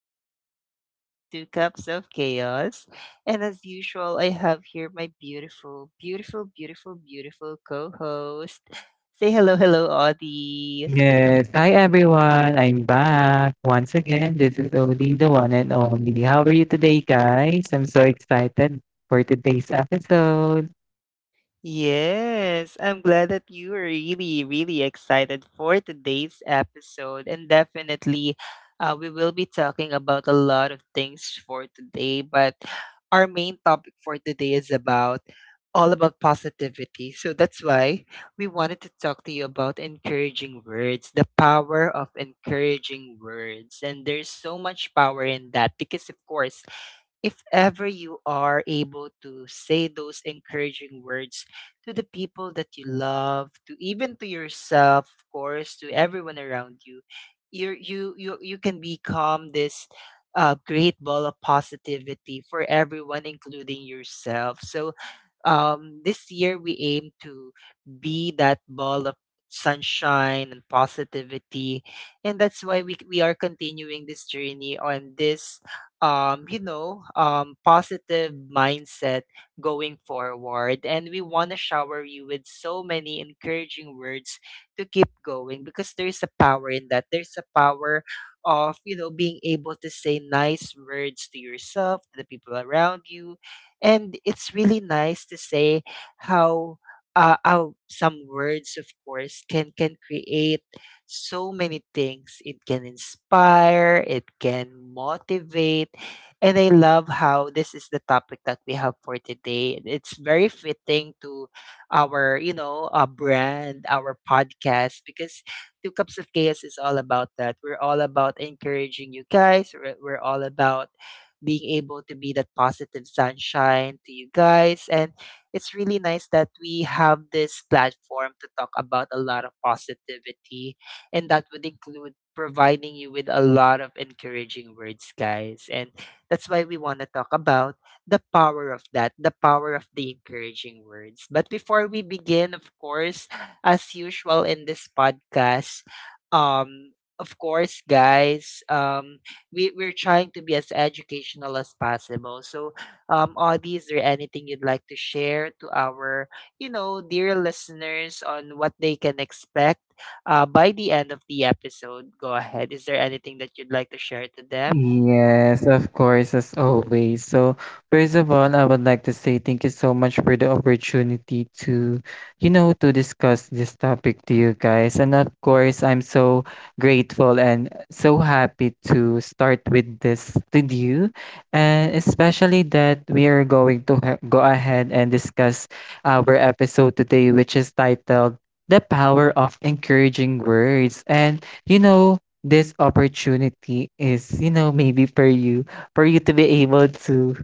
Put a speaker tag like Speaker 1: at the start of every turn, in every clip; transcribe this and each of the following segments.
Speaker 1: course, this is Two Cups of Chaos. And as usual, I have here my beautiful, beautiful, beautiful, beautiful co host. Say hello, hello, Audie.
Speaker 2: Yes. Hi, everyone. I'm back once again. This is Odie, the one and only. How are you today, guys? I'm so excited for today's episode.
Speaker 1: Yes, I'm glad that you are really, really excited for today's episode. And definitely, we will be talking about a lot of things for today. But our main topic for today is about all about positivity. So that's why we wanted to talk to you about encouraging words, the power of encouraging words. And there's so much power in that because, of course, if ever you are able to say those encouraging words to the people that you love, to even to yourself, of course, to everyone around you can become this great ball of positivity for everyone, including yourself. So this year we aim to be that ball of sunshine and positivity. And that's why we are continuing this journey on this positive mindset going forward. And we want to shower you with so many encouraging words to keep going, because there's a power in that. There's a power of being able to say nice words to yourself, to the people around you. And it's really nice to say how. How some words, of course, can create so many things. It can inspire, it can motivate, and I love how this is the topic that we have for today. It's very fitting to our brand, our podcast, because Two Cups of Chaos is all about that. We're all about encouraging you guys. We're all about being able to be that positive sunshine to you guys. And it's really nice that we have this platform to talk about a lot of positivity, and that would include providing you with a lot of encouraging words, guys. And that's why we want to talk about the power of that, the power of the encouraging words. But before we begin, of course, as usual in this podcast, of course, guys, we're trying to be as educational as possible. So, Audie, is there anything you'd like to share to our dear listeners on what they can expect, by the end of the episode? Go ahead. Is there anything that you'd like to share to them?
Speaker 2: Yes, of course, as always. So, first of all, I would like to say thank you so much for the opportunity to, you know, to discuss this topic to you guys. And of course, I'm so grateful and so happy to start with this with you. And especially that we are going to go ahead and discuss our episode today, which is titled The Power of Encouraging Words. And you know, this opportunity is, you know, maybe for you to be able to,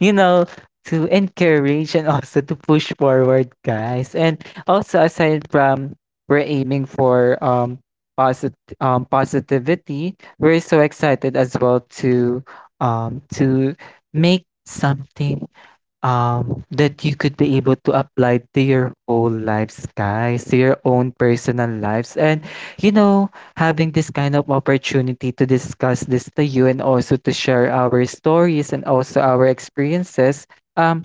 Speaker 2: you know, to encourage and also to push forward, guys. And also aside from we're aiming for posit positivity, we're so excited as well to make something that you could be able to apply to your whole lives, guys, to your own personal lives. And, you know, having this kind of opportunity to discuss this to you and also to share our stories and also our experiences, um,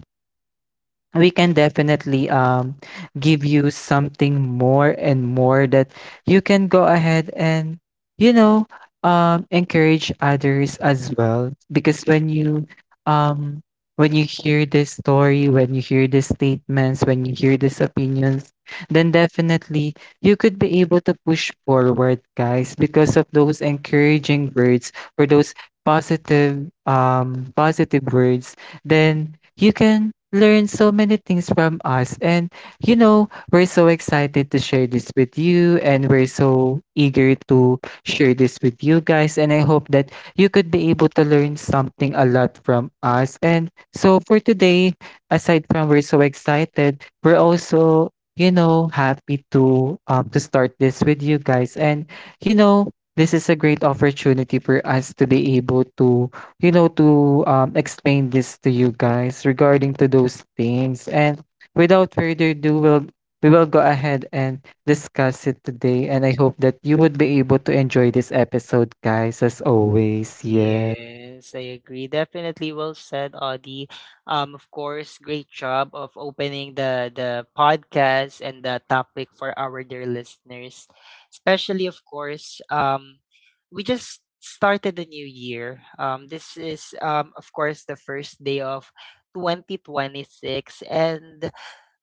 Speaker 2: we can definitely give you something more and more that you can go ahead and you know encourage others as well. Because um when you hear this story, when you hear these statements, when you hear these opinions, then definitely you could be able to push forward, guys, because of those encouraging words or those positive positive words, then you can learn so many things from us. And you know, we're so excited to share this with you, and we're so eager to share this with you guys. And I hope that you could be able to learn something a lot from us. And so for today, aside from we're so excited, we're also you know happy to start this with you guys. And you know, this is a great opportunity for us to be able to you know, to explain this to you guys regarding to those things. And without further ado, we will go ahead and discuss it today. And I hope that you would be able to enjoy this episode, guys, as always. Yeah.
Speaker 1: Yes, I agree. Definitely well said, Audie. Of course, great job of opening the podcast and the topic for our dear listeners. Especially, of course, we just started the new year. This is, of course, the first day of 2026. And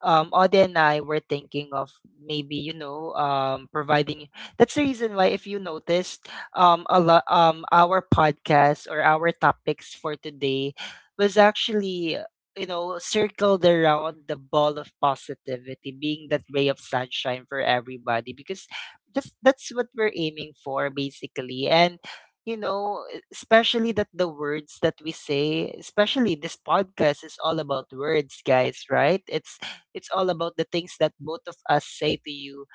Speaker 1: Ode and I were thinking of maybe providing. That's the reason why, if you noticed, a lot, our podcast or our topics for today was actually circled around the ball of positivity, being that ray of sunshine for everybody, because that's what we're aiming for, basically, and. You know, especially that the words that we say, especially this podcast is all about words, guys, right? It's all about the things that both of us say to you,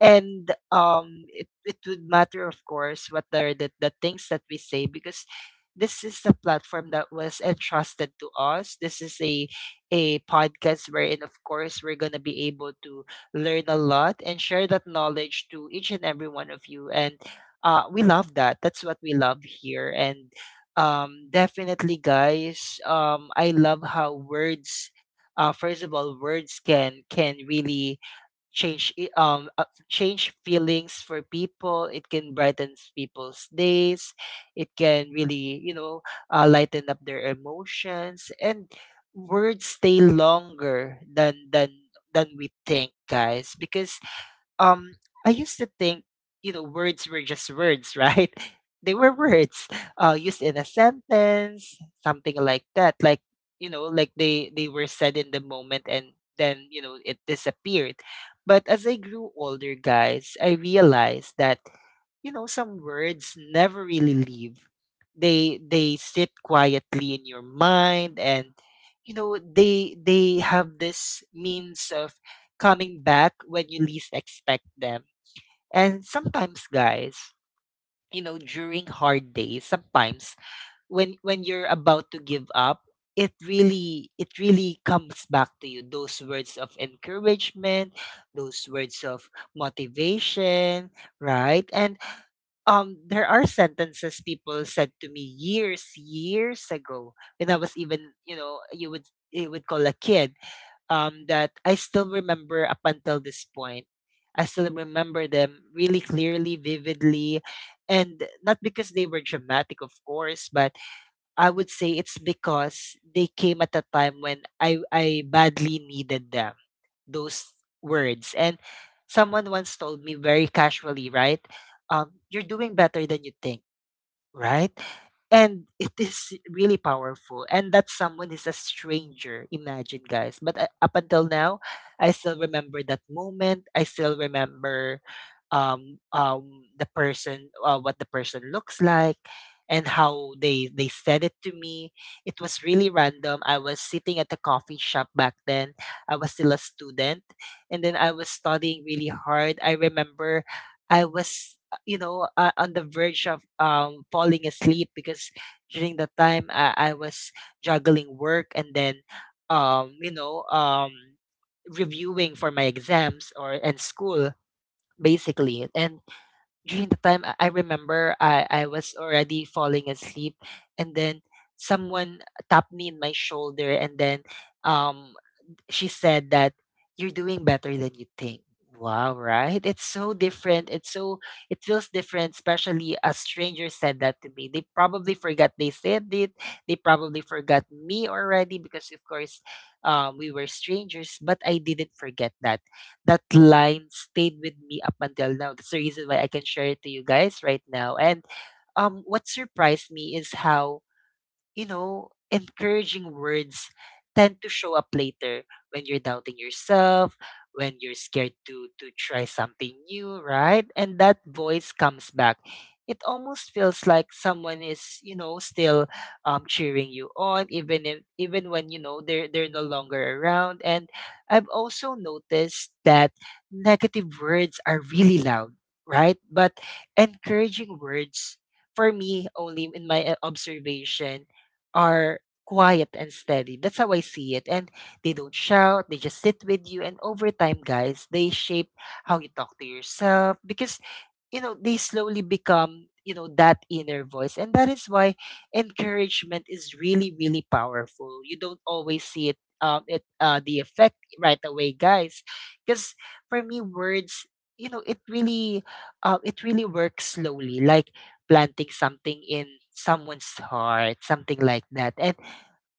Speaker 1: and it would matter, of course, what are the things that we say, because this is a platform that was entrusted to us. This is a podcast wherein, of course, we're going to be able to learn a lot and share that knowledge to each and every one of you. And we love that. That's what we love here. And definitely, guys, I love how words first of all, words can really change feelings for people. It can brighten people's days, it can really lighten up their emotions. And words stay longer than we think, guys, because um I used to think, words were just words, right? They were words used in a sentence, something like that. Like, like they were said in the moment, and then it disappeared. But as I grew older, guys, I realized that some words never really leave. They sit quietly in your mind, and they have this means of coming back when you least expect them. And sometimes, guys, during hard days, sometimes when you're about to give up, it really comes back to you, those words of encouragement, those words of motivation, right? And there are sentences people said to me years ago, when I was even, you would call, a kid, that I still remember up until this point. I still remember them really clearly, vividly. And not because they were dramatic, of course, but I would say it's because they came at a time when I badly needed them, those words. And someone once told me very casually, right? You're doing better than you think, right? And it is really powerful. And that someone is a stranger. Imagine, guys. But up until now, I still remember that moment. I still remember the person, what the person looks like, and how they said it to me. It was really random. I was sitting at the coffee shop back then. I was still a student, and then I was studying really hard. I remember I was, on the verge of falling asleep, because during the time I was juggling work, and then um you know um reviewing for my exams or and school, basically. And during the time I remember I was already falling asleep, and then someone tapped me in my shoulder, and then um she said that you're doing better than you think. Wow, right? It's so different. It feels different, especially a stranger said that to me. They probably forgot they said it. They probably forgot me already because, of course, we were strangers, but I didn't forget that. That line stayed with me up until now. That's the reason why I can share it to you guys right now. And what surprised me is how, encouraging words tend to show up later when you're doubting yourself, when you're scared to try something new, right? And that voice comes back. It almost feels like someone is, still, cheering you on, even if even when you know they're no longer around. And I've also noticed that negative words are really loud, right? But encouraging words, for me, only in my observation, are quiet and steady. That's how I see it. And they don't shout, they just sit with you. And over time, guys, they shape how you talk to yourself, because they slowly become, that inner voice. And that is why encouragement is really, really powerful. You don't always see it it the effect right away, guys, because for me, words, you know it really it really works slowly, like planting something in someone's heart, something like that. And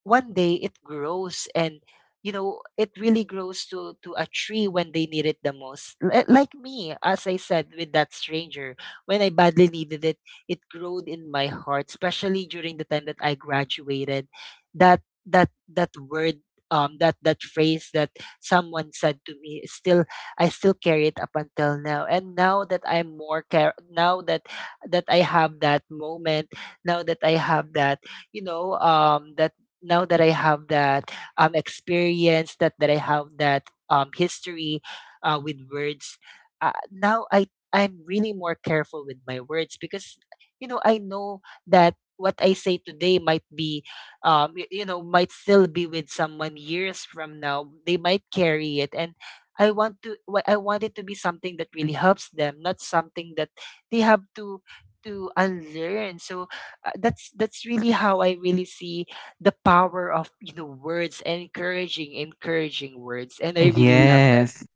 Speaker 1: one day it grows. And it really grows to a tree when they need it the most. Like me, as I said, with that stranger, when I badly needed it growed in my heart, especially during the time that I graduated. That that that word um that that phrase that someone said to me is still. I still carry it up until now. And now that I have that moment, now that I have that you know that now that I have that experience, that I have that history, with words, now I'm really more careful with my words, because I know that what I say today might be y- you know might still be with someone years from now. They might carry it. And I want it to be something that really helps them, not something that they have to unlearn. So that's really how I really see the power of, words, encouraging words. And I really love that.
Speaker 2: Yes.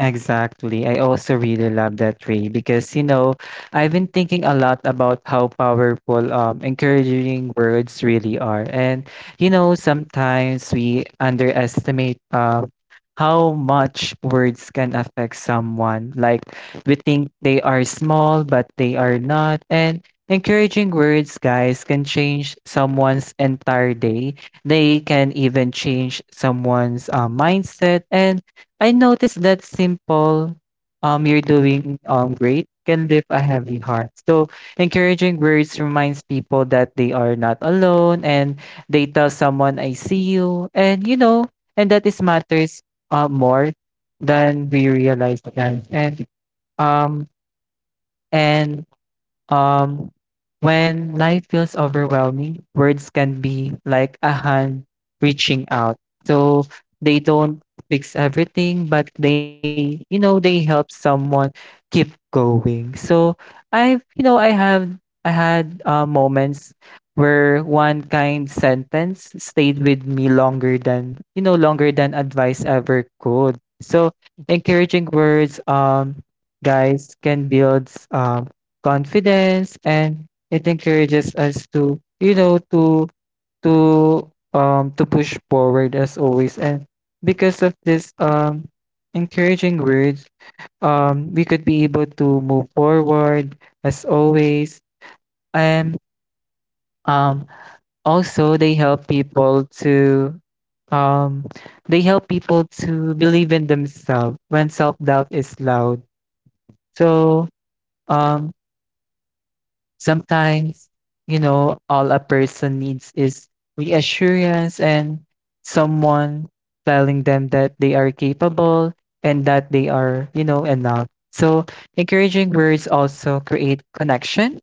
Speaker 2: Exactly. I also really love that, Ray, because, you know, I've been thinking a lot about how powerful encouraging words really are. And, you know, sometimes we underestimate how much words can affect someone. Like, we think they are small, but they are not. And encouraging words, guys, can change someone's entire day. They can even change someone's mindset. And I noticed that simple, you're doing great can lift a heavy heart. So, encouraging words reminds people that they are not alone and they tell someone, I see you. And, you know, and that is matters more than we realize, guys. Um, and Um, when life feels overwhelming, words can be like a hand reaching out. So they don't fix everything, but they, you know, they help someone keep going. So I've, you know, I have, I had moments where one kind sentence stayed with me longer than, you know, longer than advice ever could. So encouraging words, guys, can build confidence, and it encourages us to you know to to push forward as always. And because of this encouraging words, we could be able to move forward as always. And um also they help people to um they help people to believe in themselves when self doubt is loud. so um Sometimes, you know, all a person needs is reassurance, and someone telling them that they are capable and that they are, you know, enough. So, encouraging words also create connection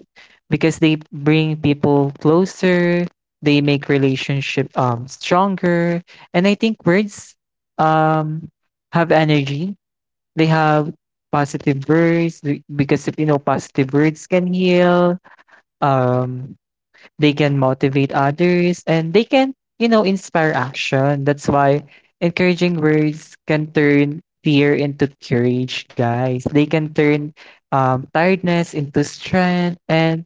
Speaker 2: because they bring people closer, they make relationship stronger, and I think words um have energy. They have Positive words because if you know positive words can heal, um, they can motivate others, and they can, you know, inspire action. That's why encouraging words can turn fear into courage, guys. They can turn tiredness into strength, and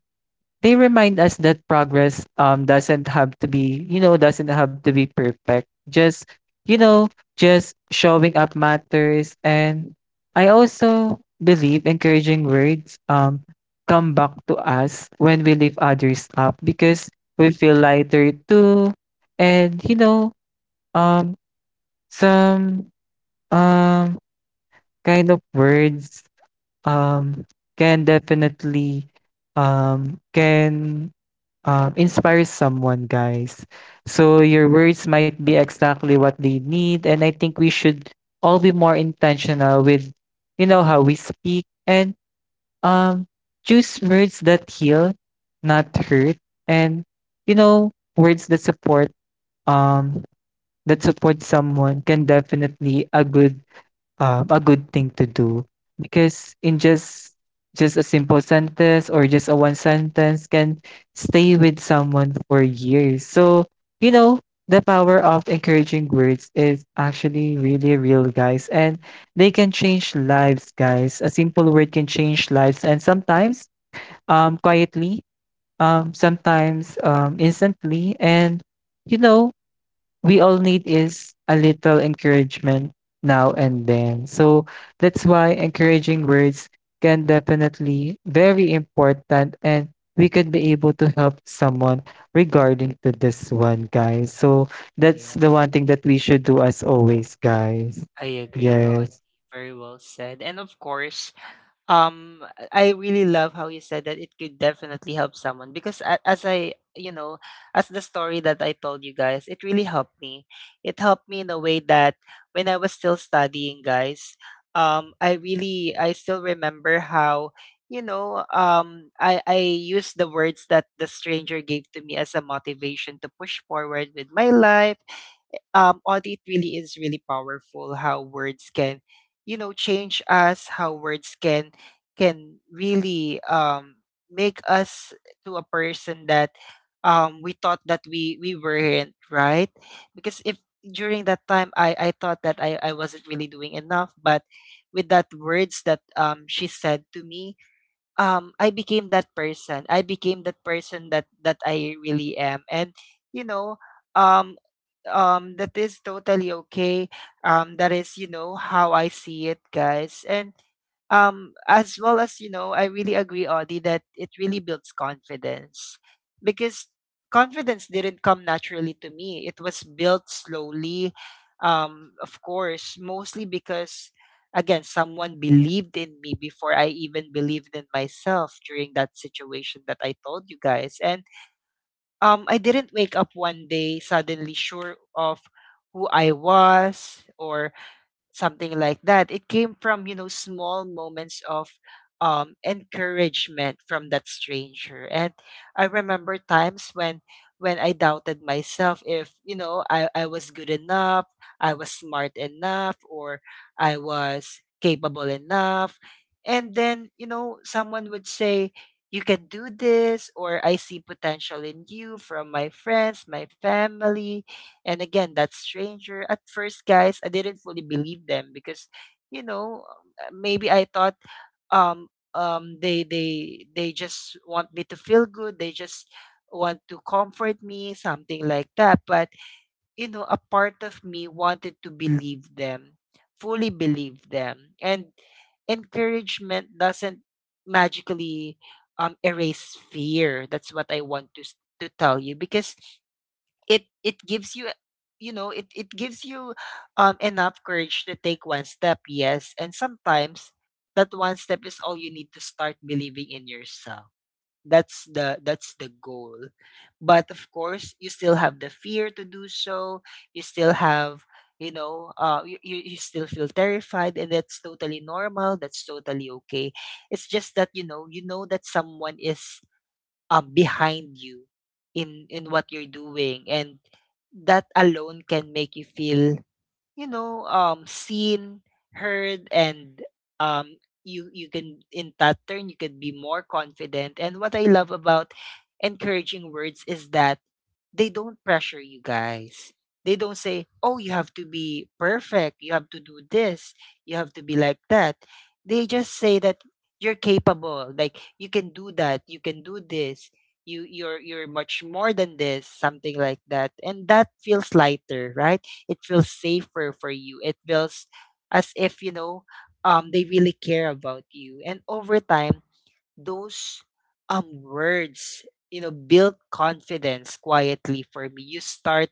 Speaker 2: they remind us that progress doesn't have to be you know doesn't have to be perfect. Just you know, just showing up matters. And I also believe encouraging words come back to us when we lift others up because we feel lighter too. And you know, um some um kind of words um can definitely can inspires someone, guys. So your words might be exactly what they need, and I think we should all be more intentional with, you know, how we speak and um, choose words that heal, not hurt. And you know, words um that support someone can definitely a good thing to do, because in just a simple sentence or just a one sentence can stay with someone for years. So, you know, the power of encouraging words is actually really real, guys, and they can change lives, guys. A simple word can change lives, and sometimes quietly, sometimes instantly. And you know, we all need is a little encouragement now and then. So that's why encouraging words can definitely very important, and we could be able to help someone regarding to this one, guys. So that's
Speaker 1: Yeah,
Speaker 2: the one thing that we should do as always, guys.
Speaker 1: I agree. Oh,
Speaker 2: Yes.
Speaker 1: very well said. And of course, um I really love how you said that it could definitely help someone, because as the story that I told you guys, it really helped me. It helped me in a way that when I was still studying, guys, I still remember how I used the words that the stranger gave to me as a motivation to push forward with my life. Audit really is really powerful. How words can change us. How words can really make us to a person that we thought that we weren't right. Because if during that time I thought that I wasn't really doing enough, but with that words that she said to me, I became that person. I became that person that I really am, and you know. Um, that is totally okay. That is, you know, how I see it, guys. And as well, as you know, I really agree, Audie, that it really builds confidence, because confidence didn't come naturally to me, it was built slowly. Of course, mostly because again, someone believed in me before I even believed in myself during that situation that I told you guys. And I didn't wake up one day suddenly sure of who I was or something like that. It came from, you know, small moments of encouragement from that stranger. And I remember times when I doubted myself if, you know, I was good enough, I was smart enough, or I was capable enough. And then, you know, someone would say, you can do this, or I see potential in you, from my friends, my family, and again, that stranger. At first, guys, I didn't fully believe them because, you know, maybe I thought they just want me to feel good. They just want to comfort me, something like that. But you know, a part of me wanted to believe them, fully believe them. And encouragement doesn't magically erase fear. That's what I want to to tell you, because it gives you, you know, it gives you enough courage to take one step. Yes, and sometimes that one step is all you need to start believing in yourself. That's the that's the goal. But of course, you still have the fear to do so. You still have, you, you still feel terrified, and that's totally normal, that's totally okay. It's just that, you know, you know that someone is behind you in what you're doing, and that alone can make you feel, you know, seen, heard, and um you, you can, in that turn, you can be more confident. And what I love about encouraging words is that they don't pressure you, guys. They don't say, "Oh, you have to be perfect. You have to do this. You have to be like that." They just say that you're capable. Like, you can do that, you can do this. You're much more than this. Something like that. And that feels lighter, right? It feels safer for you. It feels as if, you know, they really care about you. And over time, those words, you know, build confidence quietly. For me, you start,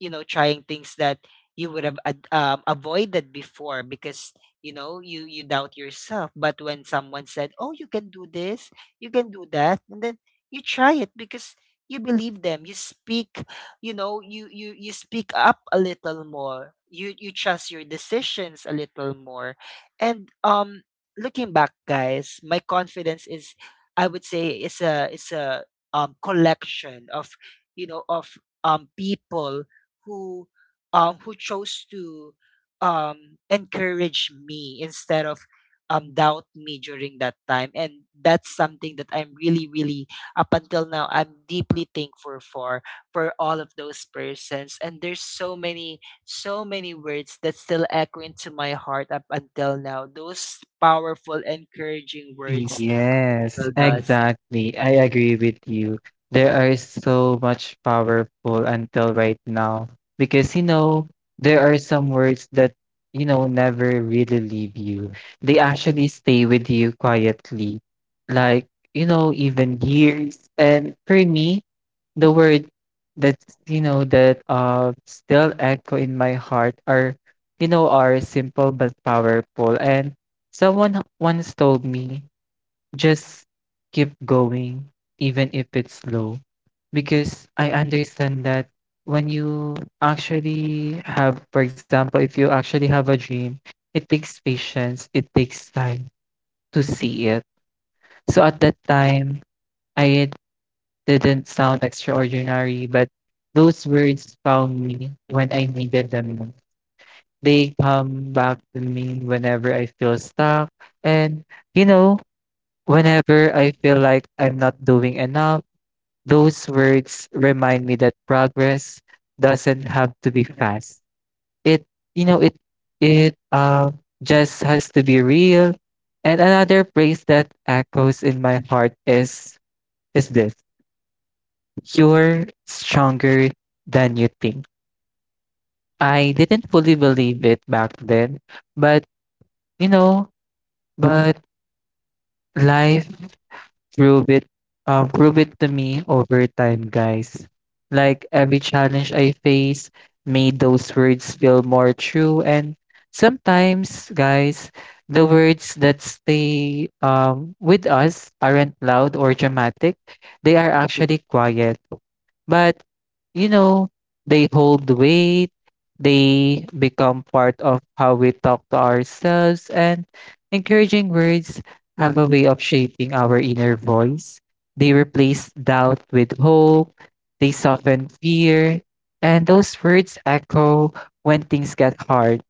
Speaker 1: you know, trying things that you would have avoided before, because you know, you doubt yourself. But when someone said, oh, you can do this, you can do that, and then you try it because you believe them. You speak, you know, you speak up a little more, you trust your decisions a little more. And looking back, guys, my confidence is, I would say, is a is a collection of, you know, of people who who chose to encourage me instead of doubt me during that time. And that's something that I'm really, really, up until now, I'm deeply thankful for all of those persons. And there's so many, so many words that still echo into my heart up until now, those powerful encouraging words. It
Speaker 2: Yes,
Speaker 1: still does.
Speaker 2: exactly. I agree with you. There are so much powerful until right now because you know there are some words that you know never really leave you. They actually stay with you quietly, like you know even years. And for me, the word that's you know that still echo in my heart are you know are simple but powerful. And someone once told me just keep going, even if it's slow, because I understand that when you actually have, for example, if you actually have a dream, it takes patience, it takes time to see it. So at that time, I didn't sound extraordinary, but those words found me when I needed them most. They come back to me whenever I feel stuck. And, you know, whenever I feel like I'm not doing enough, those words remind me that progress doesn't have to be fast. It, you know, it just has to be real. And another phrase that echoes in my heart is this: "You're stronger than you think." I didn't fully believe it back then, but you know, but life prove it, prove it to me over time, guys. Like every challenge I face made those words feel more true. And sometimes, guys, the words that stay with us aren't loud or dramatic. They are actually quiet. But, you know, they hold weight, they become part of how we talk to ourselves, and encouraging words have a way of shaping our inner voice. They replace doubt with hope, they soften fear, and those words echo when things get hard.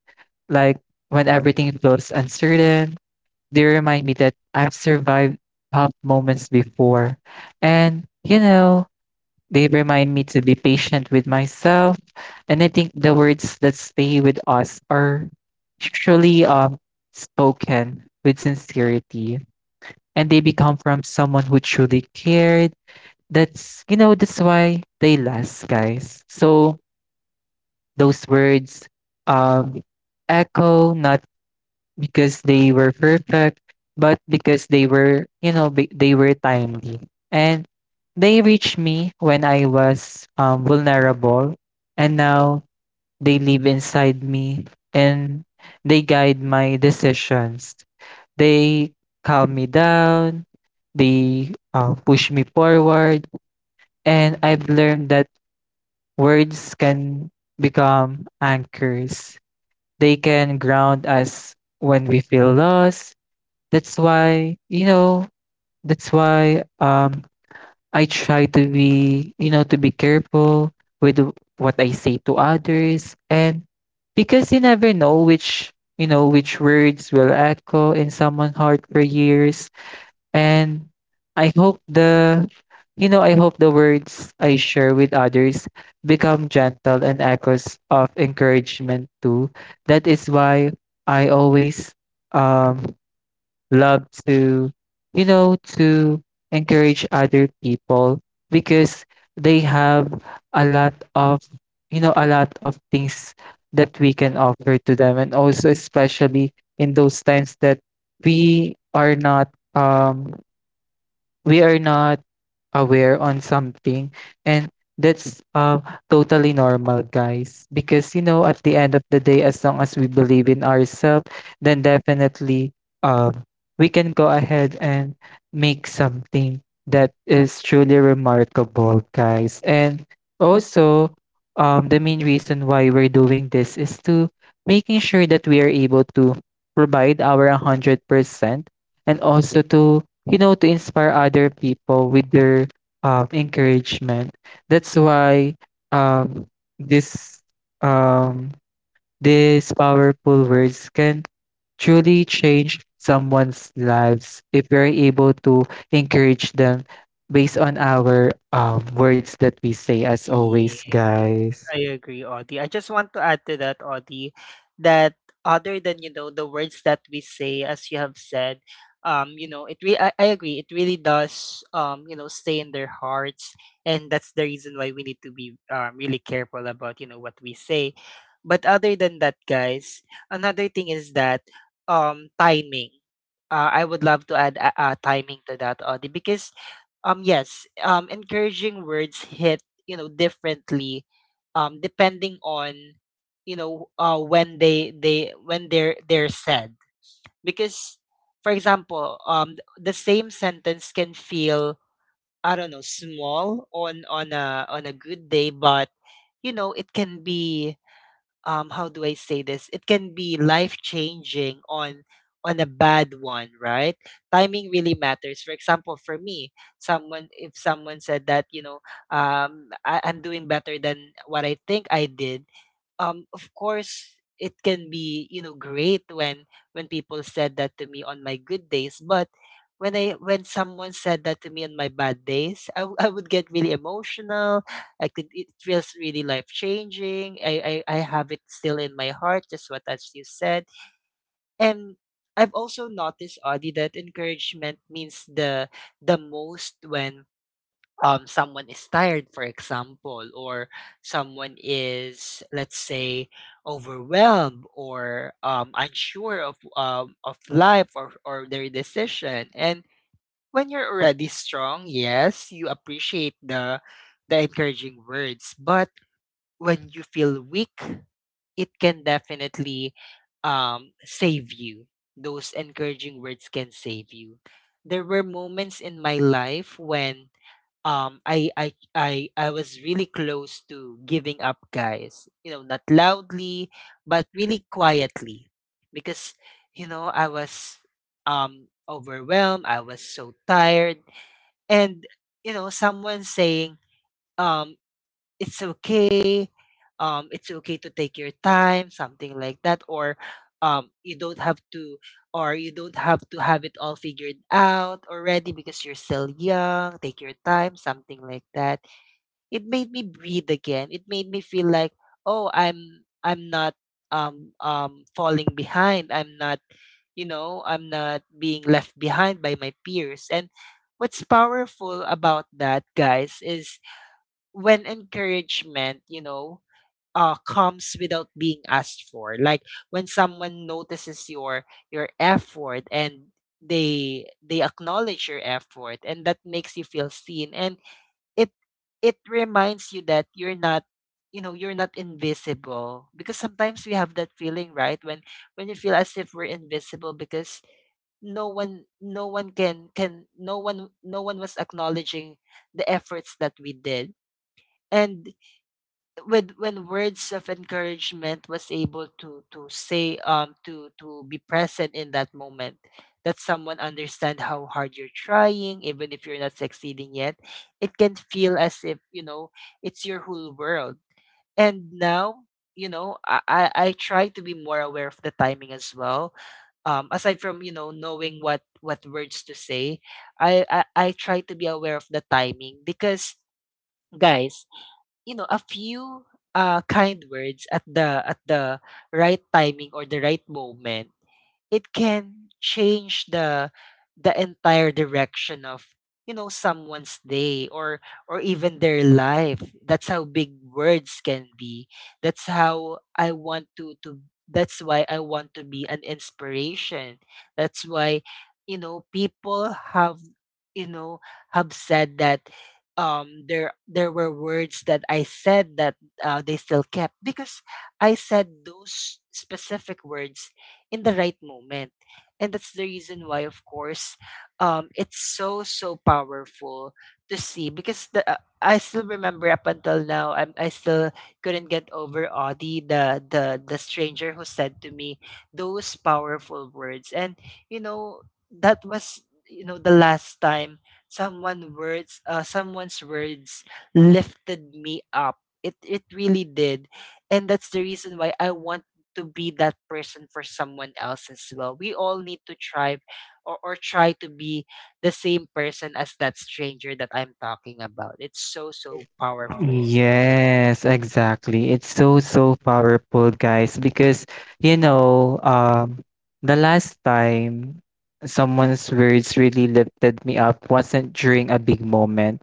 Speaker 2: Like when everything feels uncertain, they remind me that I've survived tough moments before. And, you know, they remind me to be patient with myself. And I think the words that stay with us are usually spoken with sincerity. And they become from someone who truly cared. That's, you know, that's why they last, guys. So those words um, echo not because they were perfect, but because they were, you know, they were timely. And they reached me when I was vulnerable, and now they live inside me and they guide my decisions. They calm me down, they push me forward. And I've learned that words can become anchors. They can ground us when we feel lost. That's why, you know, that's why I try to be, you know, to be careful with what I say to others. And because you never know which, you know, which words will echo in someone's heart for years. And I hope the you know, I hope the words I share with others become gentle and echoes of encouragement too. That is why I always um love to, you know, to encourage other people because they have a lot of, you know, a lot of things that we can offer to them. And also, especially in those times that we are not, um, we are not aware on something and that's totally normal guys because you know at the end of the day as long as we believe in ourselves then definitely, um, we can go ahead and make something that is truly remarkable guys. And also, the main reason why we're doing this is to making sure that we are able to provide our 100% and also to, you know, to inspire other people with their encouragement. That's why, um, this um, these powerful words can truly change someone's lives if we're able to encourage them based on our words that we say, as always
Speaker 1: Yes,
Speaker 2: guys.
Speaker 1: I agree, Audie. I just want to add to that, Audie, that other than, you know, the words that we say, as you have said, you know, it I agree, it really does, you know, stay in their hearts. And that's the reason why we need to be really careful about, you know, what we say. But other than that, guys, another thing is that timing. I would love to add timing to that, Audie, because yes, encouraging words hit, you know, differently depending on, you know, when they when they're said. Because for example, the same sentence can feel, I don't know, small on on a good day, but you know, it can be, how do I say this? It can be life-changing on a bad one, right? Timing really matters. For example, for me, someone if someone said that, you know, I, I'm doing better than what I think I did, of course it can be, you know, great when people said that to me on my good days. But when I when someone said that to me on my bad days, I would get really emotional. I could It feels really life changing I have it still in my heart, just what as you said. And I've also noticed, Audie, that encouragement means the most when someone is tired, for example, or someone is, let's say, overwhelmed or unsure of, of life, or their decision. And when you're already strong, yes, you appreciate the encouraging words. But when you feel weak, it can definitely save you. Those encouraging words can save you. There were moments in my life when I was really close to giving up, guys. You know, not loudly, but really quietly, because you know, I was overwhelmed, I was so tired. And you know, someone saying um it's okay, it's okay to take your time, something like that, or you don't have to, or you don't have to have it all figured out already because you're still young, take your time, something like that. It made me breathe again. It made me feel like, oh, I'm not falling behind. I'm not, you know, I'm not being left behind by my peers. And what's powerful about that, guys, is when encouragement, comes without being asked for. Like when someone notices your effort, and they acknowledge your effort, and that makes you feel seen. And it it reminds you that you're not, you know, you're not invisible, because sometimes we have that feeling, right, when you feel as if we're invisible, because no one, was acknowledging the efforts that we did. And with when words of encouragement was able to say, to be present in that moment, that someone understand how hard you're trying even if you're not succeeding yet, it can feel as if, you know, it's your whole world. And now, you know, I try to be more aware of the timing as well, aside from, you know, knowing what words to say. i i, I try to be aware of the timing because, guys, you know, a few kind words at the right timing or the right moment, it can change the entire direction of, you know, someone's day, or even their life. That's how big words can be. That's how I want to that's why I want to be an inspiration. That's why, you know, people have, you know, have said that there were words that I said that they still kept because I said those specific words in the right moment. And that's the reason why, of course, it's so, so powerful to see. Because the, I still remember, up until now, I still couldn't get over, Audie, the stranger who said to me those powerful words. And, you know, that was, you know, the last time someone's words lifted me up. It really did. And that's the reason why I want to be that person for someone else as well. We all need to try, or try to be the same person as that stranger that I'm talking about. It's so, so powerful.
Speaker 2: Yes, exactly. It's so, so powerful, guys, because you know, the last time someone's words really lifted me up wasn't during a big moment.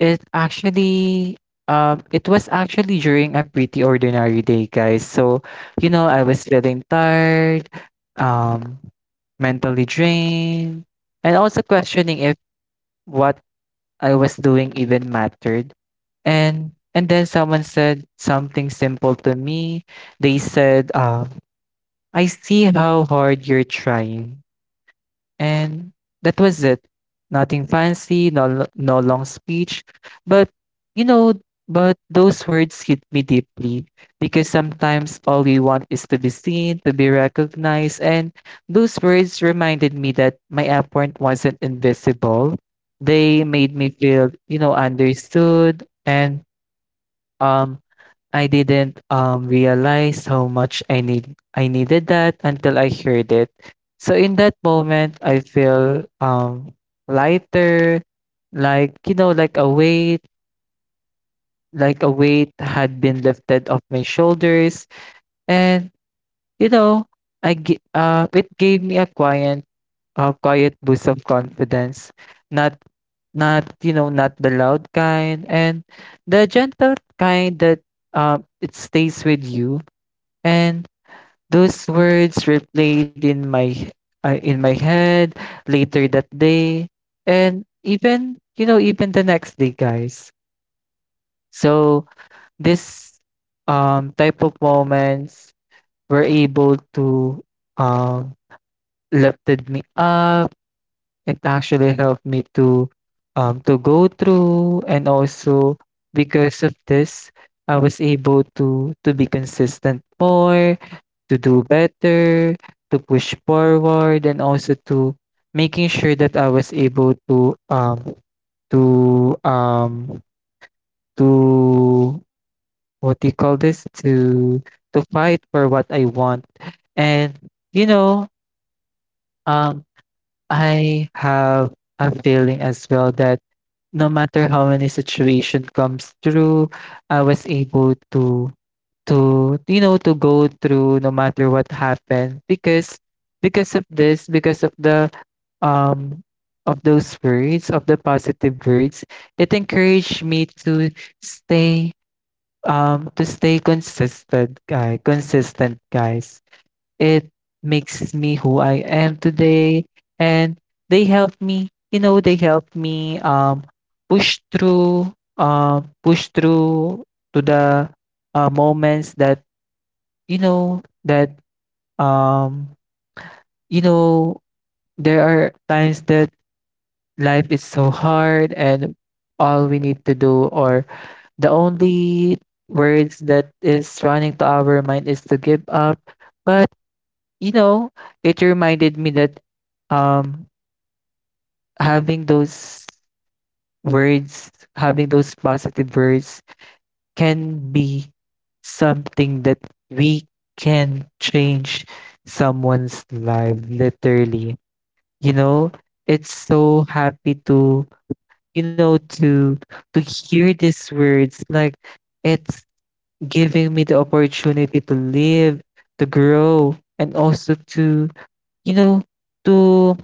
Speaker 2: It actually, it was actually during a pretty ordinary day, guys. So, you know, I was feeling tired, um, mentally drained, and also questioning if what I was doing even mattered. And then someone said something simple to me. They said, I see how hard you're trying. And that was it. Nothing fancy, no long speech, but you know, but those words hit me deeply because sometimes all we want is to be seen, to be recognized, and those words reminded me that my effort wasn't invisible. They made me feel, you know, understood. And um I didn't realize how much I needed that until I heard it. So in that moment, I feel lighter, like you know, like a weight had been lifted off my shoulders, and you know, it gave me a quiet boost of confidence, not not you know, not the loud kind, and the gentle kind that it stays with you. And those words replayed in my head later that day and even you know even the next day guys. So this type of moments were able to um lifted me up. It actually helped me to go through. And also because of this I was able to be consistent more, to do better, to push forward, and also to making sure that I was able to to um to what do you call this, to fight for what I want. And you know, um I have a feeling as well that no matter how many situation comes through, I was able to you know to go through no matter what happened, because because of this because of the um of those words, of the positive words. It encouraged me to stay, to stay consistent guy consistent guys. It makes me who I am today. And they help me, you know, they help me push through, push through to the moments that um you know there are times that life is so hard and all we need to do, or the only words that is running to our mind is to give up. But you know, it reminded me that um having those words, having those positive words can be something that we can change someone's life literally. You know, it's so happy to, you know, to hear these words. Like it's giving me the opportunity to live, to grow, and also to, you know, to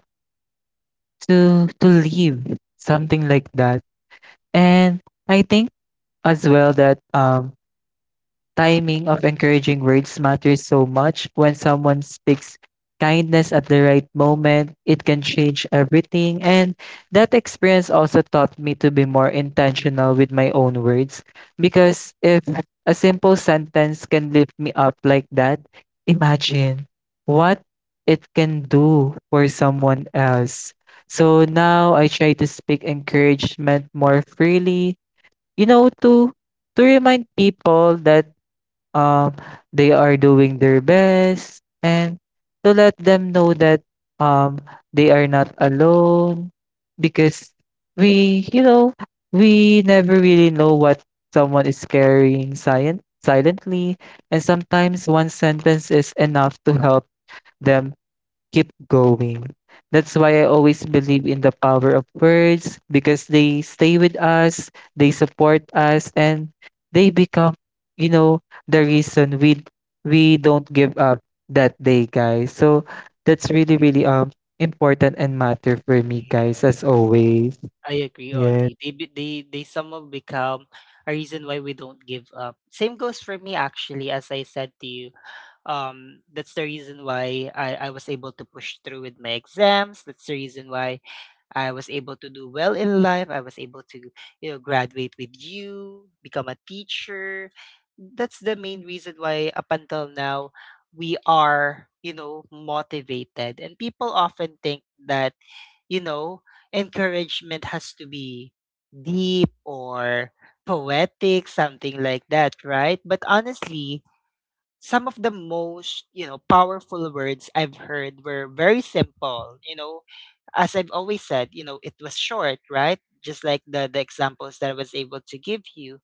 Speaker 2: to live, something like that. And I think as well that timing of encouraging words matters so much. When someone speaks kindness at the right moment, it can change everything. And that experience also taught me to be more intentional with my own words. Because if a simple sentence can lift me up like that, imagine what it can do for someone else. So now I try to speak encouragement more freely, you know, to remind people that um, they are doing their best, and to let them know that um, they are not alone, because we, you know, we never really know what someone is silently. And sometimes one sentence is enough to help them keep going. That's why I always believe in the power of words, because they stay with us, they support us, and they become, you know, the reason we don't give up that day, guys. So that's really, really important and matter for me,
Speaker 1: I
Speaker 2: guys, as always.
Speaker 1: agree,
Speaker 2: Yeah.
Speaker 1: Audie. They somehow become a reason why we don't give up. Same goes for me, actually, as I said to you. That's the reason why I was able to push through with my exams. That's the reason why I was able to do well in life. I was able to, you know, graduate with you, become a teacher. That's the main reason why up until now we are, you know, motivated. And people often think that, you know, encouragement has to be deep or poetic, something like that, right? But honestly, some of the most powerful words I've heard were very simple, as I've always said. It was short, right? Just like the examples that I was able to give you.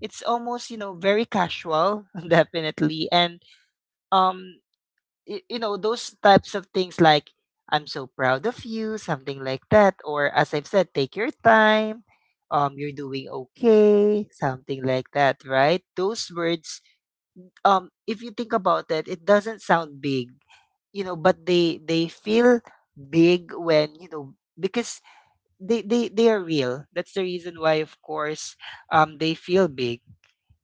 Speaker 1: It's almost, very casual definitely. And um you know, those types of things like, I'm so proud of you, something like that, or as I've said, take your time. You're doing okay, something like that, right? Those words, if you think about it, it doesn't sound big, you know, but they feel big. When, you know, because they are real. That's the reason why, of course, they feel big.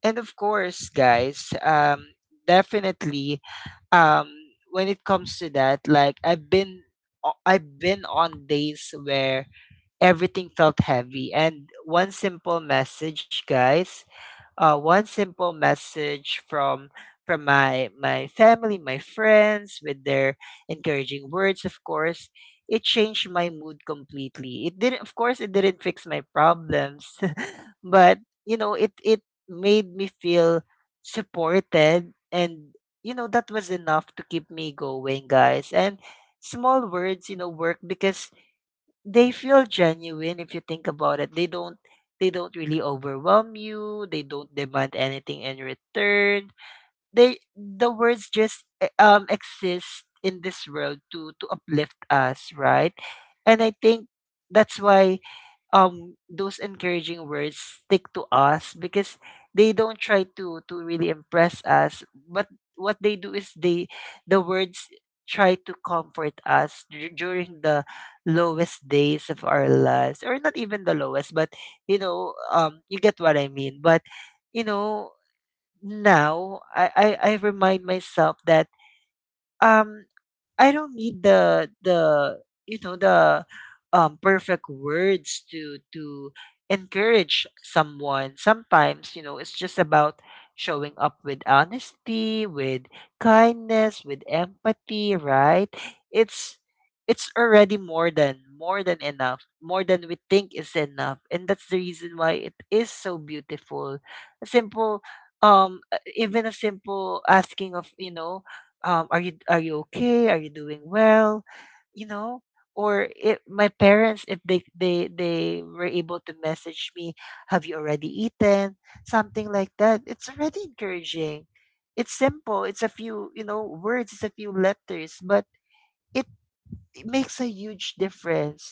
Speaker 1: And of course, guys, definitely. um when it comes to that, like, I've been, I've been on days where everything felt heavy, and one simple message, guys, one simple message from my family, my friends, with their encouraging words, of course, it changed my mood completely. It didn't, of course, it didn't fix my problems, but you know, it made me feel supported, and you know, that was enough to keep me going, guys. And small words, you know, work because they feel genuine, if you think about it. They don't really overwhelm you. They don't demand anything in return. They, the words just exist in this world to uplift us, right? And I think that's why those encouraging words stick to us, because they don't try to really impress us, but what they do is they, the words, try to comfort us during the lowest days of our lives, or not even the lowest, but you know, you get what I mean. But you know, now I, I remind myself that, um I don't need the, you know, the perfect words to encourage someone. Sometimes, you know, it's just about showing up with honesty, with kindness, with empathy, right? It's, already more than enough, more than we think is enough. And that's the reason why it is so beautiful. A simple, even a simple asking of, you know, are you okay? Are you doing well? You know, or if my parents, if they they were able to message me, have you already eaten? Something like that. It's already encouraging. It's simple. It's a few, you know, words. It's a few letters, but it it makes a huge difference.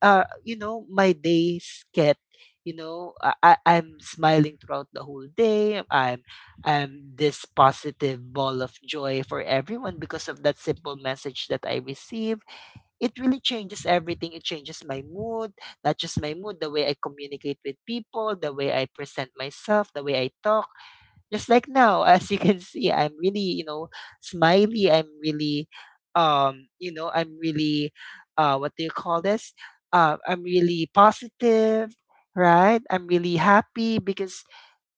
Speaker 1: You know, my days get, you know, I'm smiling throughout the whole day. I'm this positive ball of joy for everyone, because of that simple message that I receive. It really changes everything. It changes my mood, not just my mood, the way I communicate with people, the way I present myself, the way I talk, just like now, as you can see, I'm really, you know, smiley. I'm really, you know, I'm really, what do you call this? I'm really positive, right? I'm really happy because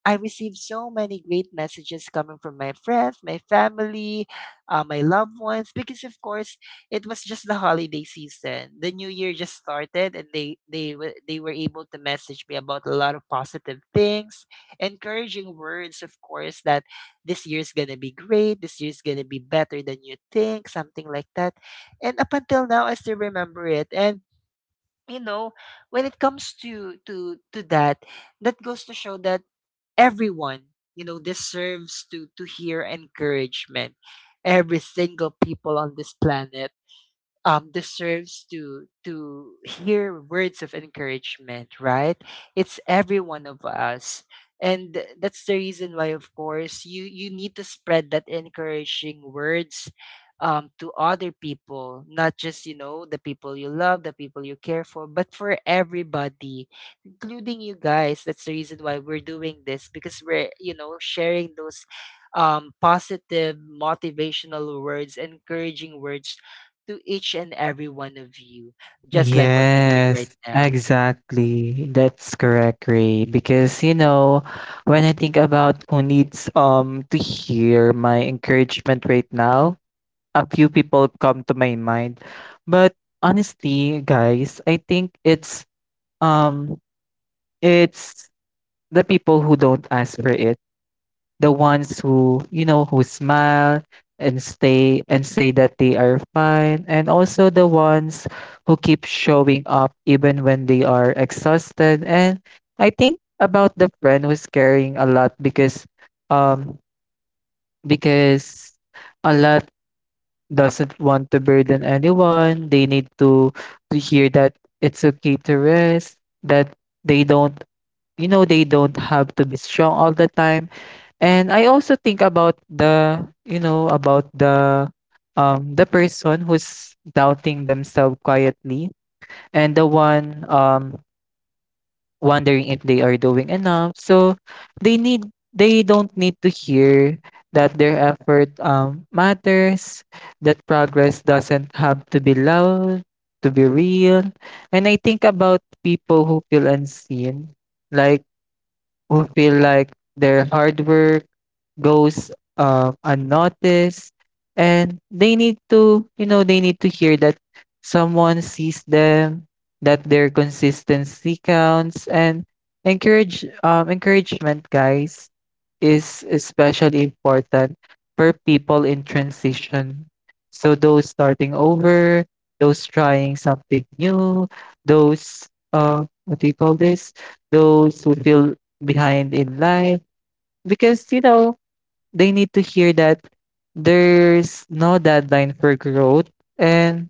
Speaker 1: I received so many great messages coming from my friends, my family, my loved ones, because, of course, it was just the holiday season. The new year just started, and they were able to message me about a lot of positive things, encouraging words, of course, that this year's gonna be great, this year's gonna be better than you think, something like that. And up until now, I still remember it. And you know, when it comes to that, that goes to show that everyone, you know, deserves to hear encouragement. Every single people on this planet, deserves to hear words of encouragement, right? It's every one of us. And that's the reason why, of course, you need to spread that encouraging words, to other people, not just, you know, the people you love, the people you care for, but for everybody, including you guys. That's the reason why we're doing this, because we're, you know, sharing those positive, motivational words, encouraging words to each and every one of you, just like what we're doing right
Speaker 2: Yes,
Speaker 1: now.
Speaker 2: exactly. That's correct, Ray. Because you know, when I think about who needs to hear my encouragement right now, a few people come to my mind. But honestly, guys, I think um it's the people who don't ask for it, the ones who you know who smile and stay and say that they are fine, and also the ones who keep showing up even when they are exhausted. And I think about the friend who's caring a lot, because um because a lot doesn't want to burden anyone. They need to hear that it's okay to rest, that they don't, you know, they don't have to be strong all the time. And I also think about the, you know, about the person who's doubting themselves quietly, and the one wondering if they are doing enough. So they need, they don't need to hear that their effort matters, that progress doesn't have to be loud, to be real. And I think about people who feel unseen, like who feel like their hard work goes unnoticed, and they need to you know they need to hear that someone sees them, that their consistency counts. And encouragement guys is especially important for people in transition. So those starting over, those trying something new, those what do you call this, those who feel behind in life. Because you know, they need to hear that there's no deadline for growth. And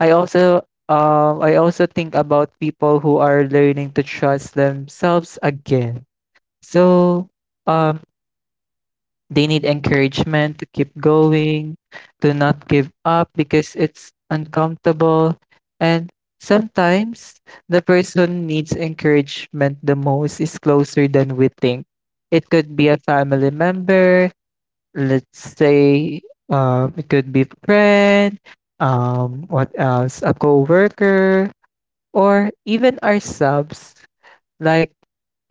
Speaker 2: i also I also think about people who are learning to trust themselves again. So um they need encouragement to keep going, to not give up because it's uncomfortable. And sometimes the person needs encouragement the most is closer than we think. It could be a family member, let's say, it could be friend, what else, a coworker, or even ourselves. Like,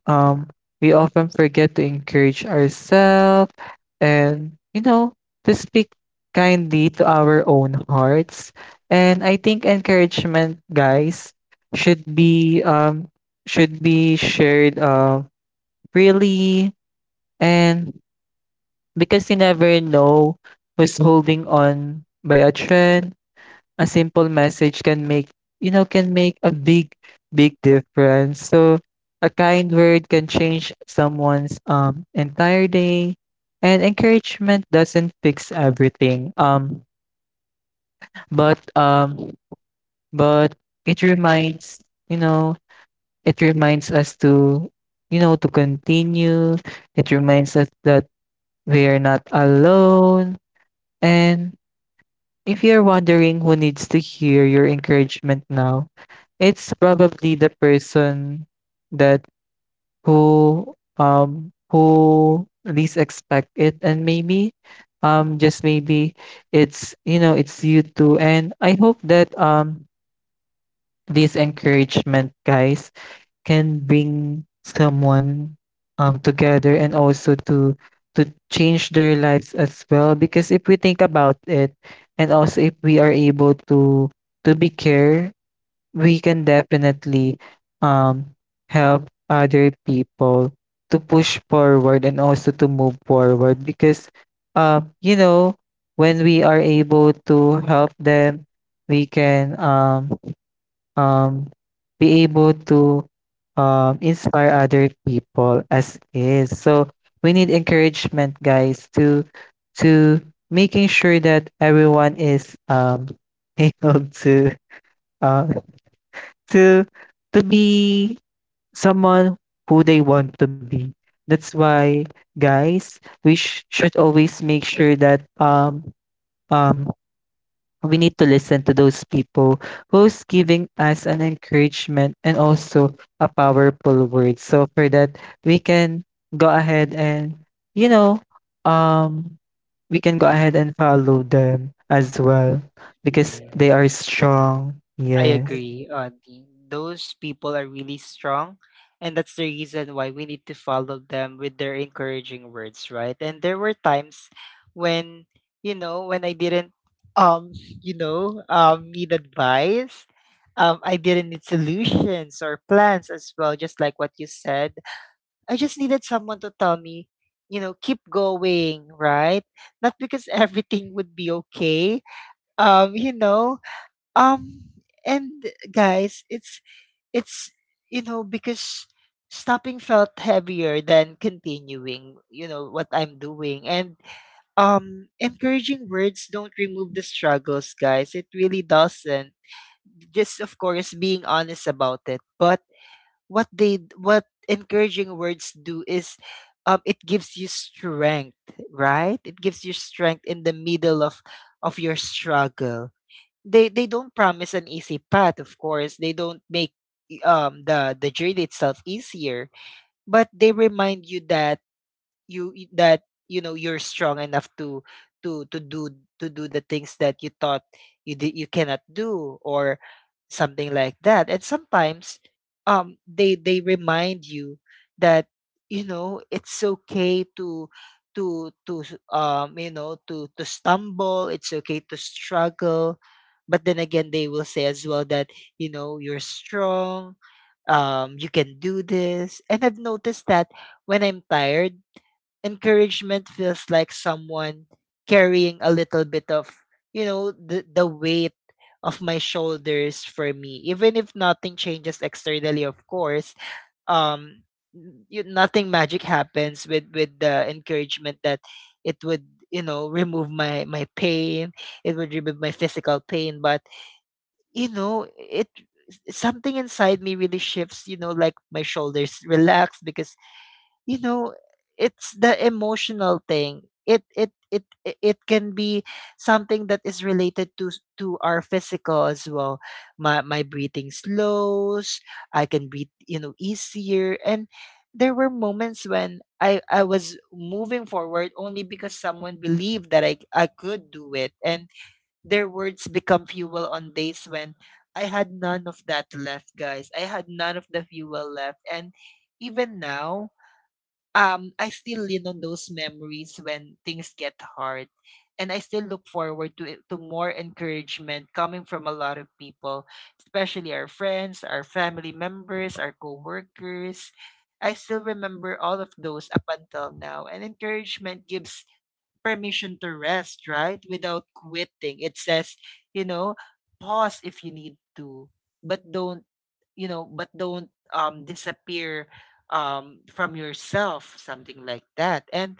Speaker 2: um, we often forget to encourage ourselves and, you know, to speak kindly to our own hearts. And I think encouragement, guys, should be um should be shared freely. And because you never know who's holding on by a thread, a simple message can make, you know, can make a big, big difference. So a kind word can change someone's entire day, and encouragement doesn't fix everything, but um but it reminds, you know, it reminds us to, you know, to continue. It reminds us that we are not alone. And if you're wondering who needs to hear your encouragement now, it's probably the person that who least expect it. And maybe, just maybe, it's you know it's you too. And I hope that this encouragement guys can bring someone together, and also to change their lives as well. Because if we think about it, and also if we are able to be care, we can definitely um help other people to push forward and also to move forward. Because you know, when we are able to help them, we can um, be able to, inspire other people as is. So we need encouragement, guys, to making sure that everyone is, able to uh, to to be someone who they want to be. That's why, guys, should always make sure that um we need to listen to those people who's giving us an encouragement and also a powerful word. So for that, we can go ahead and, you know, um, we can go ahead and follow them as well, because
Speaker 1: Yes.
Speaker 2: they
Speaker 1: Yes.
Speaker 2: are strong.
Speaker 1: I
Speaker 2: Yes.
Speaker 1: agree, Auntie. Those people are really strong, and that's the reason why we need to follow them with their encouraging words, right? And there were times when, you know, when I didn't, um, you know, need advice. I didn't need solutions or plans as well, just like what you said. I just needed someone to tell me, you know, keep going, right? Not because everything would be okay. You know, um and guys, it's, you know, because stopping felt heavier than continuing, you know what I'm doing. And encouraging words don't remove the struggles, guys. It really doesn't. Just, of course, being honest about it. But what encouraging words do is, it gives you strength, right? It gives you strength in the middle of your struggle. They don't promise an easy path, of course. They don't make the journey itself easier, but they remind you that you you- that you know, you're strong enough to do the things that you thought you cannot do, or something like that. And sometimes, they remind you that, you know, it's okay to you know, to stumble. It's okay to struggle, but then again, they will say as well that, you know, you're strong. You can do this. And I've noticed that when I'm tired, encouragement feels like someone carrying a little bit of, you know, the weight of my shoulders for me, even if nothing changes externally. Of course, um you, nothing magic happens with the encouragement, that it would, you know, remove my pain. It would remove my physical pain. But you know, it something inside me really shifts, you know, like my shoulders relax, because you know, it's the emotional thing. It can be something that is related to to our physical as well. My breathing slows. I can breathe, you know, easier. And there were moments when I was moving forward only because someone believed that I could do it. And their words become fuel on days when I had none of that left, guys. I had none of the fuel left. And even now, I still lean on those memories when things get hard. And I still look forward to it, to more encouragement coming from a lot of people, especially our friends, our family members, our coworkers. I still remember all of those up until now. And encouragement gives permission to rest, right? Without quitting. It says, you know, pause if you need to, but don't, you know, but don't disappear from yourself, something like that. And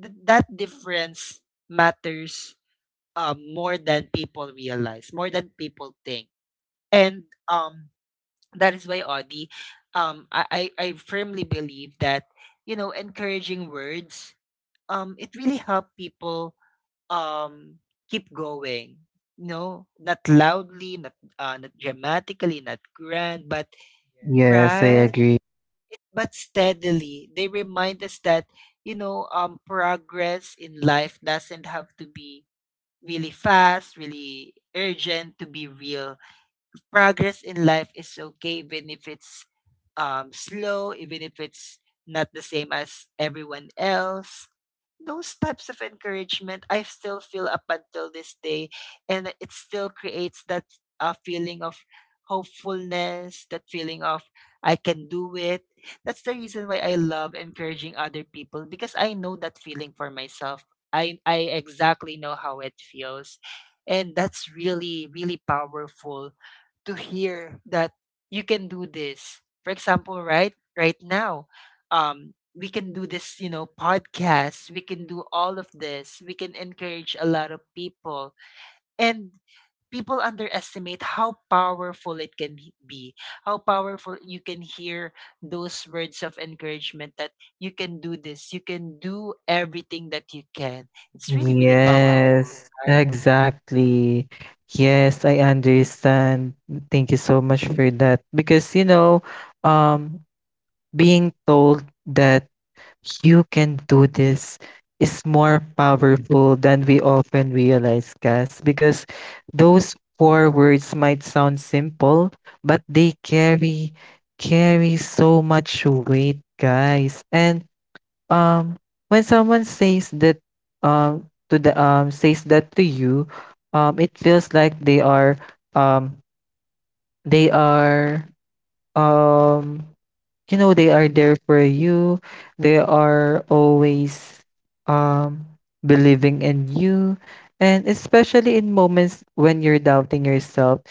Speaker 1: that difference matters, more than people realize, more than people think. And that is why, Audie, I firmly believe that, you know, encouraging words, it really help people, um, keep going. No, not loudly, not not dramatically, not grand, but
Speaker 2: Yes, I
Speaker 1: right,
Speaker 2: agree.
Speaker 1: but steadily. They remind us that, you know, progress in life doesn't have to be really fast, really urgent to be real. Progress in life is okay even if it's, slow, even if it's not the same as everyone else. Those types of encouragement I still feel up until this day, and it still creates that feeling of hopefulness, that feeling of, I can do it. That's the reason why I love encouraging other people, because I know that feeling for myself. I exactly know how it feels. And that's really, really powerful to hear that you can do this. For example, right now, we can do this, you know, podcast. We can do all of this. We can encourage a lot of people, and people underestimate how powerful it can be. How powerful you can hear those words of encouragement, that you can do this. You can do everything that you can. It's really really Yeah. powerful,
Speaker 2: Yes,
Speaker 1: right?
Speaker 2: exactly. Yes, I understand. Thank you so much for that, because you know, um being told that you can do this is more powerful than we often realize, Cass, because those four words might sound simple, but they carry so much weight, guys. And um when someone says that to the says that to you, it feels like they are um they are um you know they are there for you. They are always um believing in you. And especially in moments when you're doubting yourself,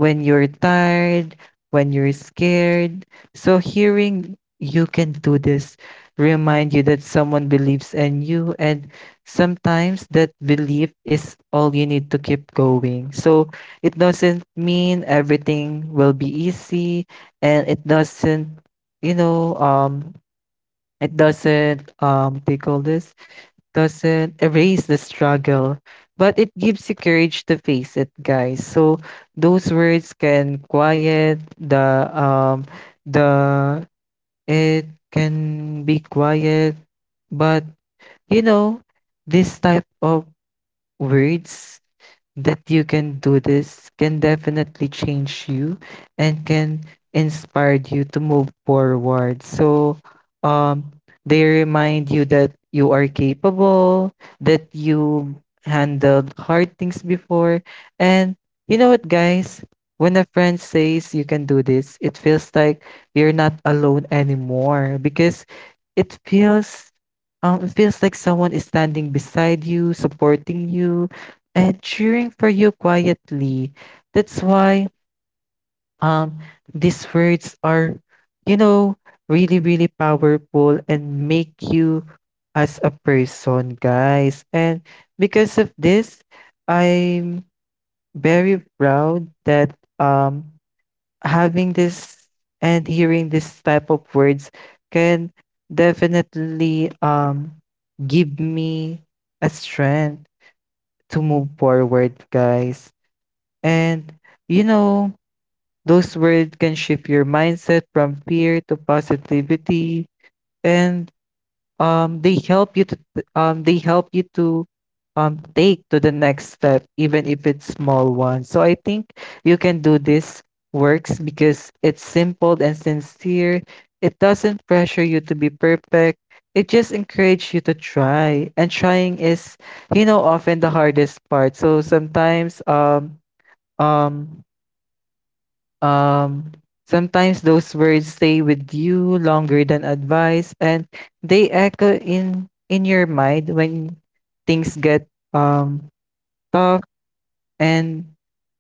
Speaker 2: when you're tired, when you're scared. So hearing you can do this remind you that someone believes in you, and sometimes that belief is all you need to keep going. So it doesn't mean everything will be easy, and it doesn't, you know, it doesn't they call this, doesn't erase the struggle, but it gives you courage to face it, guys. So those words can quiet the the it can be quiet, but you know, this type of words that you can do this can definitely change you and can inspire you to move forward. So, um, they remind you that you are capable, that you handled hard things before. And you know what, guys? When a friend says you can do this, it feels like you're not alone anymore, because it feels, it feels like someone is standing beside you, supporting you, and cheering for you quietly. That's why um these words are, you know, really, really powerful, and make you as a person, guys. And because of this, I'm very proud that having this and hearing this type of words can definitely give me a strength to move forward, guys. And you know, those words can shift your mindset from fear to positivity, and they help you to, um they help you to take to the next step, even if it's small one. So I think you can do this works because it's simple and sincere. It doesn't pressure you to be perfect. It just encourages you to try. And trying is, you know, often the hardest part. So um um, sometimes those words stay with you longer than advice, and they echo in your mind when things get um tough, and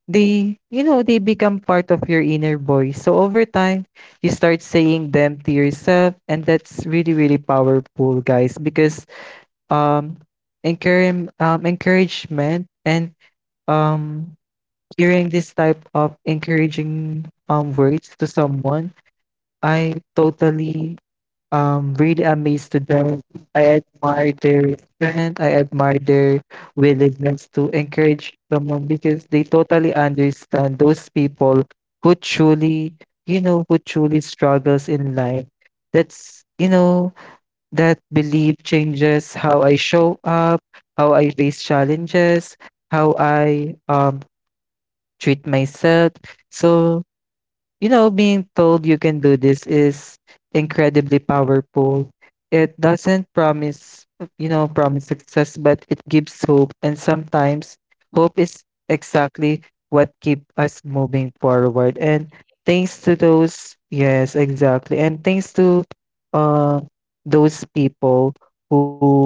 Speaker 2: they you know they become part of your inner voice. So over time, you start saying them to yourself, and that's really really powerful, guys, because um encouragement and um hearing this type of encouraging words to someone, I totally really amazed to them. I admire their strength. I admire their willingness to encourage someone, because they totally understand those people who truly, you know, who truly struggles in life. That's you know, that belief changes how I show up, how I face challenges, how I treat myself. So you know, being told you can do this is incredibly powerful. It doesn't promise, you know, promise success, but it gives hope. And sometimes hope is exactly what keep us moving forward. And thanks to those, yes, exactly. And thanks to, uh, those people who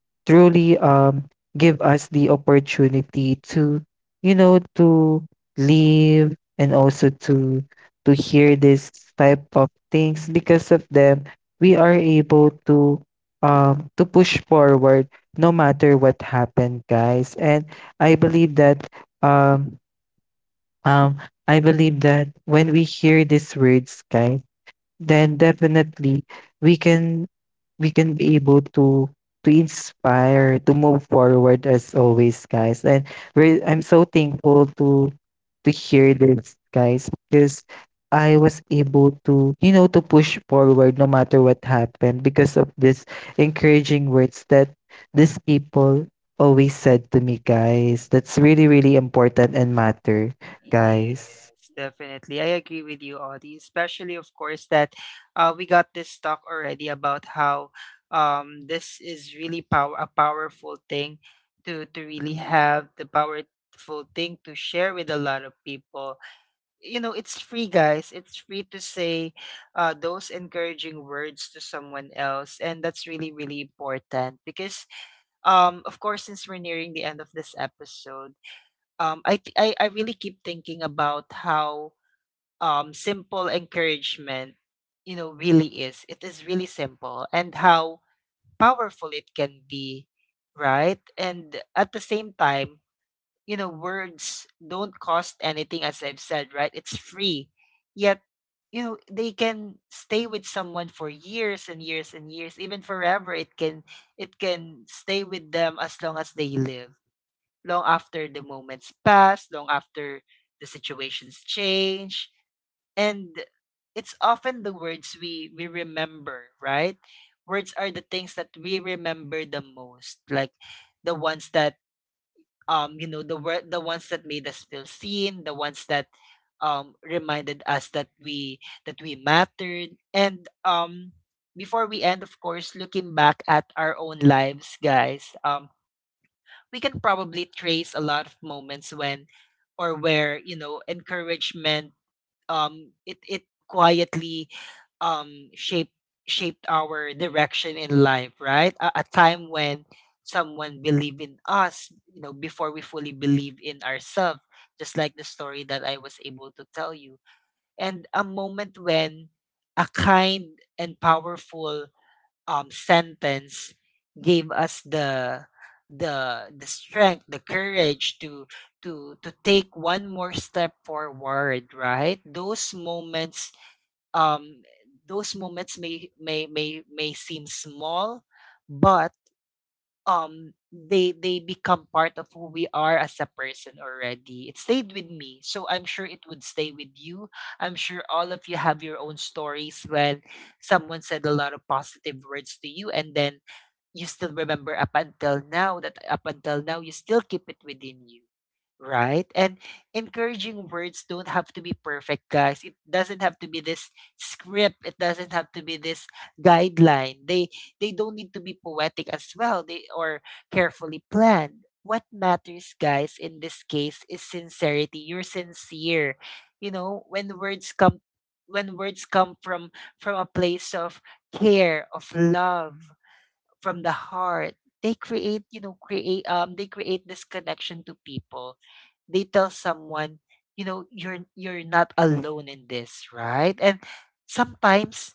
Speaker 2: truly give us the opportunity to, you know, to live, and also to hear this type of things. Because of them, we are able to push forward no matter what happened guys. And i believe that um um I believe that when we hear these words guys, then definitely we can we can be able to inspire, to move forward, as always guys. And I'm so thankful to hear this guys, because I was able to, you know, to push forward no matter what happened, because of this encouraging words that these people always said to me guys. That's really really important and matter
Speaker 1: Yes,
Speaker 2: guys.
Speaker 1: definitely. I agree with you, Audie. Especially, of course, that we got this talk already about how, this is really power a powerful thing to really have the powerful thing to share with a lot of people. You know, it's free, guys. It's free to say those encouraging words to someone else, and that's really really important. Because, of course, since we're nearing the end of this episode, I, I really keep thinking about how, simple encouragement, you know, really is. It is really simple, and how powerful it can be, right? And at the same time, you know, words don't cost anything, as I've said, right? It's free, yet you know they can stay with someone for years and years and years, even forever. It can It can stay with them as long as they live, long after the moments pass, long after the situations change. And it's often the words we remember, right? Words are the things that we remember the most, like the ones that the ones that made us feel seen, the ones that reminded us that we mattered. And before we end, of course, looking back at our own lives, guys, we can probably trace a lot of moments when or where you know encouragement it it quietly um shaped shaped our direction in life, right? A time when someone believed in us, you know, before we fully believe in ourselves, just like the story that I was able to tell you, and a moment when a kind and powerful sentence gave us the the strength, the courage to to take one more step forward, right? Those moments, um those moments may seem small, but they become part of who we are as a person already. It stayed with me, so I'm sure it would stay with you. I'm sure all of you have your own stories when someone said a lot of positive words to you, and then you still remember up until now that up until now you still keep it within you, right? And encouraging words don't have to be perfect, guys. It doesn't have to be this script, it doesn't have to be this guideline. They They don't need to be poetic as well, they or carefully planned. What matters, guys, in this case is sincerity. You're sincere, you know, when words come, when words come from a place of care, of love, from the heart. They create, create they create this connection to people. They tell someone, you know, you're not alone in this, right? And sometimes,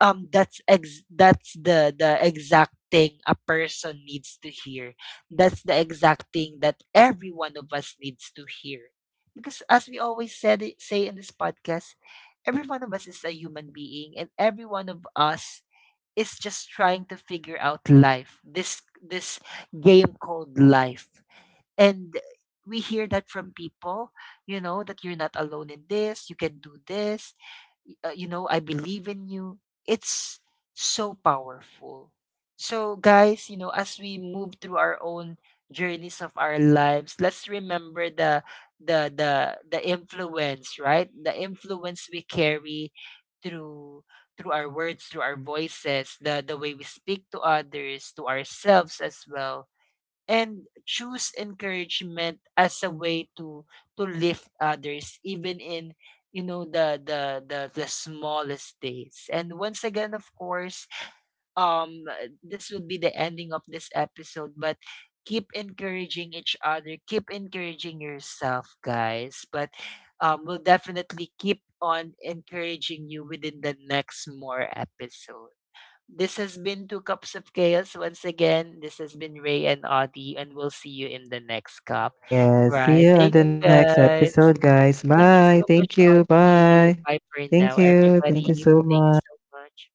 Speaker 1: that's the exact thing a person needs to hear. That's the exact thing that every one of us needs to hear. Because as we always say in this podcast, every one of us is a human being, and every one of us is just trying to figure out life, this game called life. And we hear that from people, you know, that you're not alone in this, you can do this, you know, I believe in you. It's so powerful. So, guys, you know, as we move through our own journeys of our lives, let's remember the the the the influence, right? The influence we carry through through our words, through our voices, the way we speak to others, to ourselves as well, and choose encouragement as a way to lift others, even in, you know, the the smallest days. And once again, of course, um this would be the ending of this episode. But keep encouraging each other, keep encouraging yourself, guys. But we'll definitely keep on encouraging you within the next more episode. This has been Two Cups of Chaos once again. This has been Ray and Audie, and we'll see you in the next cup.
Speaker 2: Yes. See
Speaker 1: Right.
Speaker 2: you on
Speaker 1: Thanks,
Speaker 2: the next episode,
Speaker 1: guys.
Speaker 2: guys.
Speaker 1: Thank
Speaker 2: Bye.
Speaker 1: you so
Speaker 2: Thank
Speaker 1: much,
Speaker 2: you. Bye.
Speaker 1: Audie. Bye for
Speaker 2: Thank
Speaker 1: now,
Speaker 2: you. Thank you
Speaker 1: everybody.
Speaker 2: so much.
Speaker 1: Thanks so much.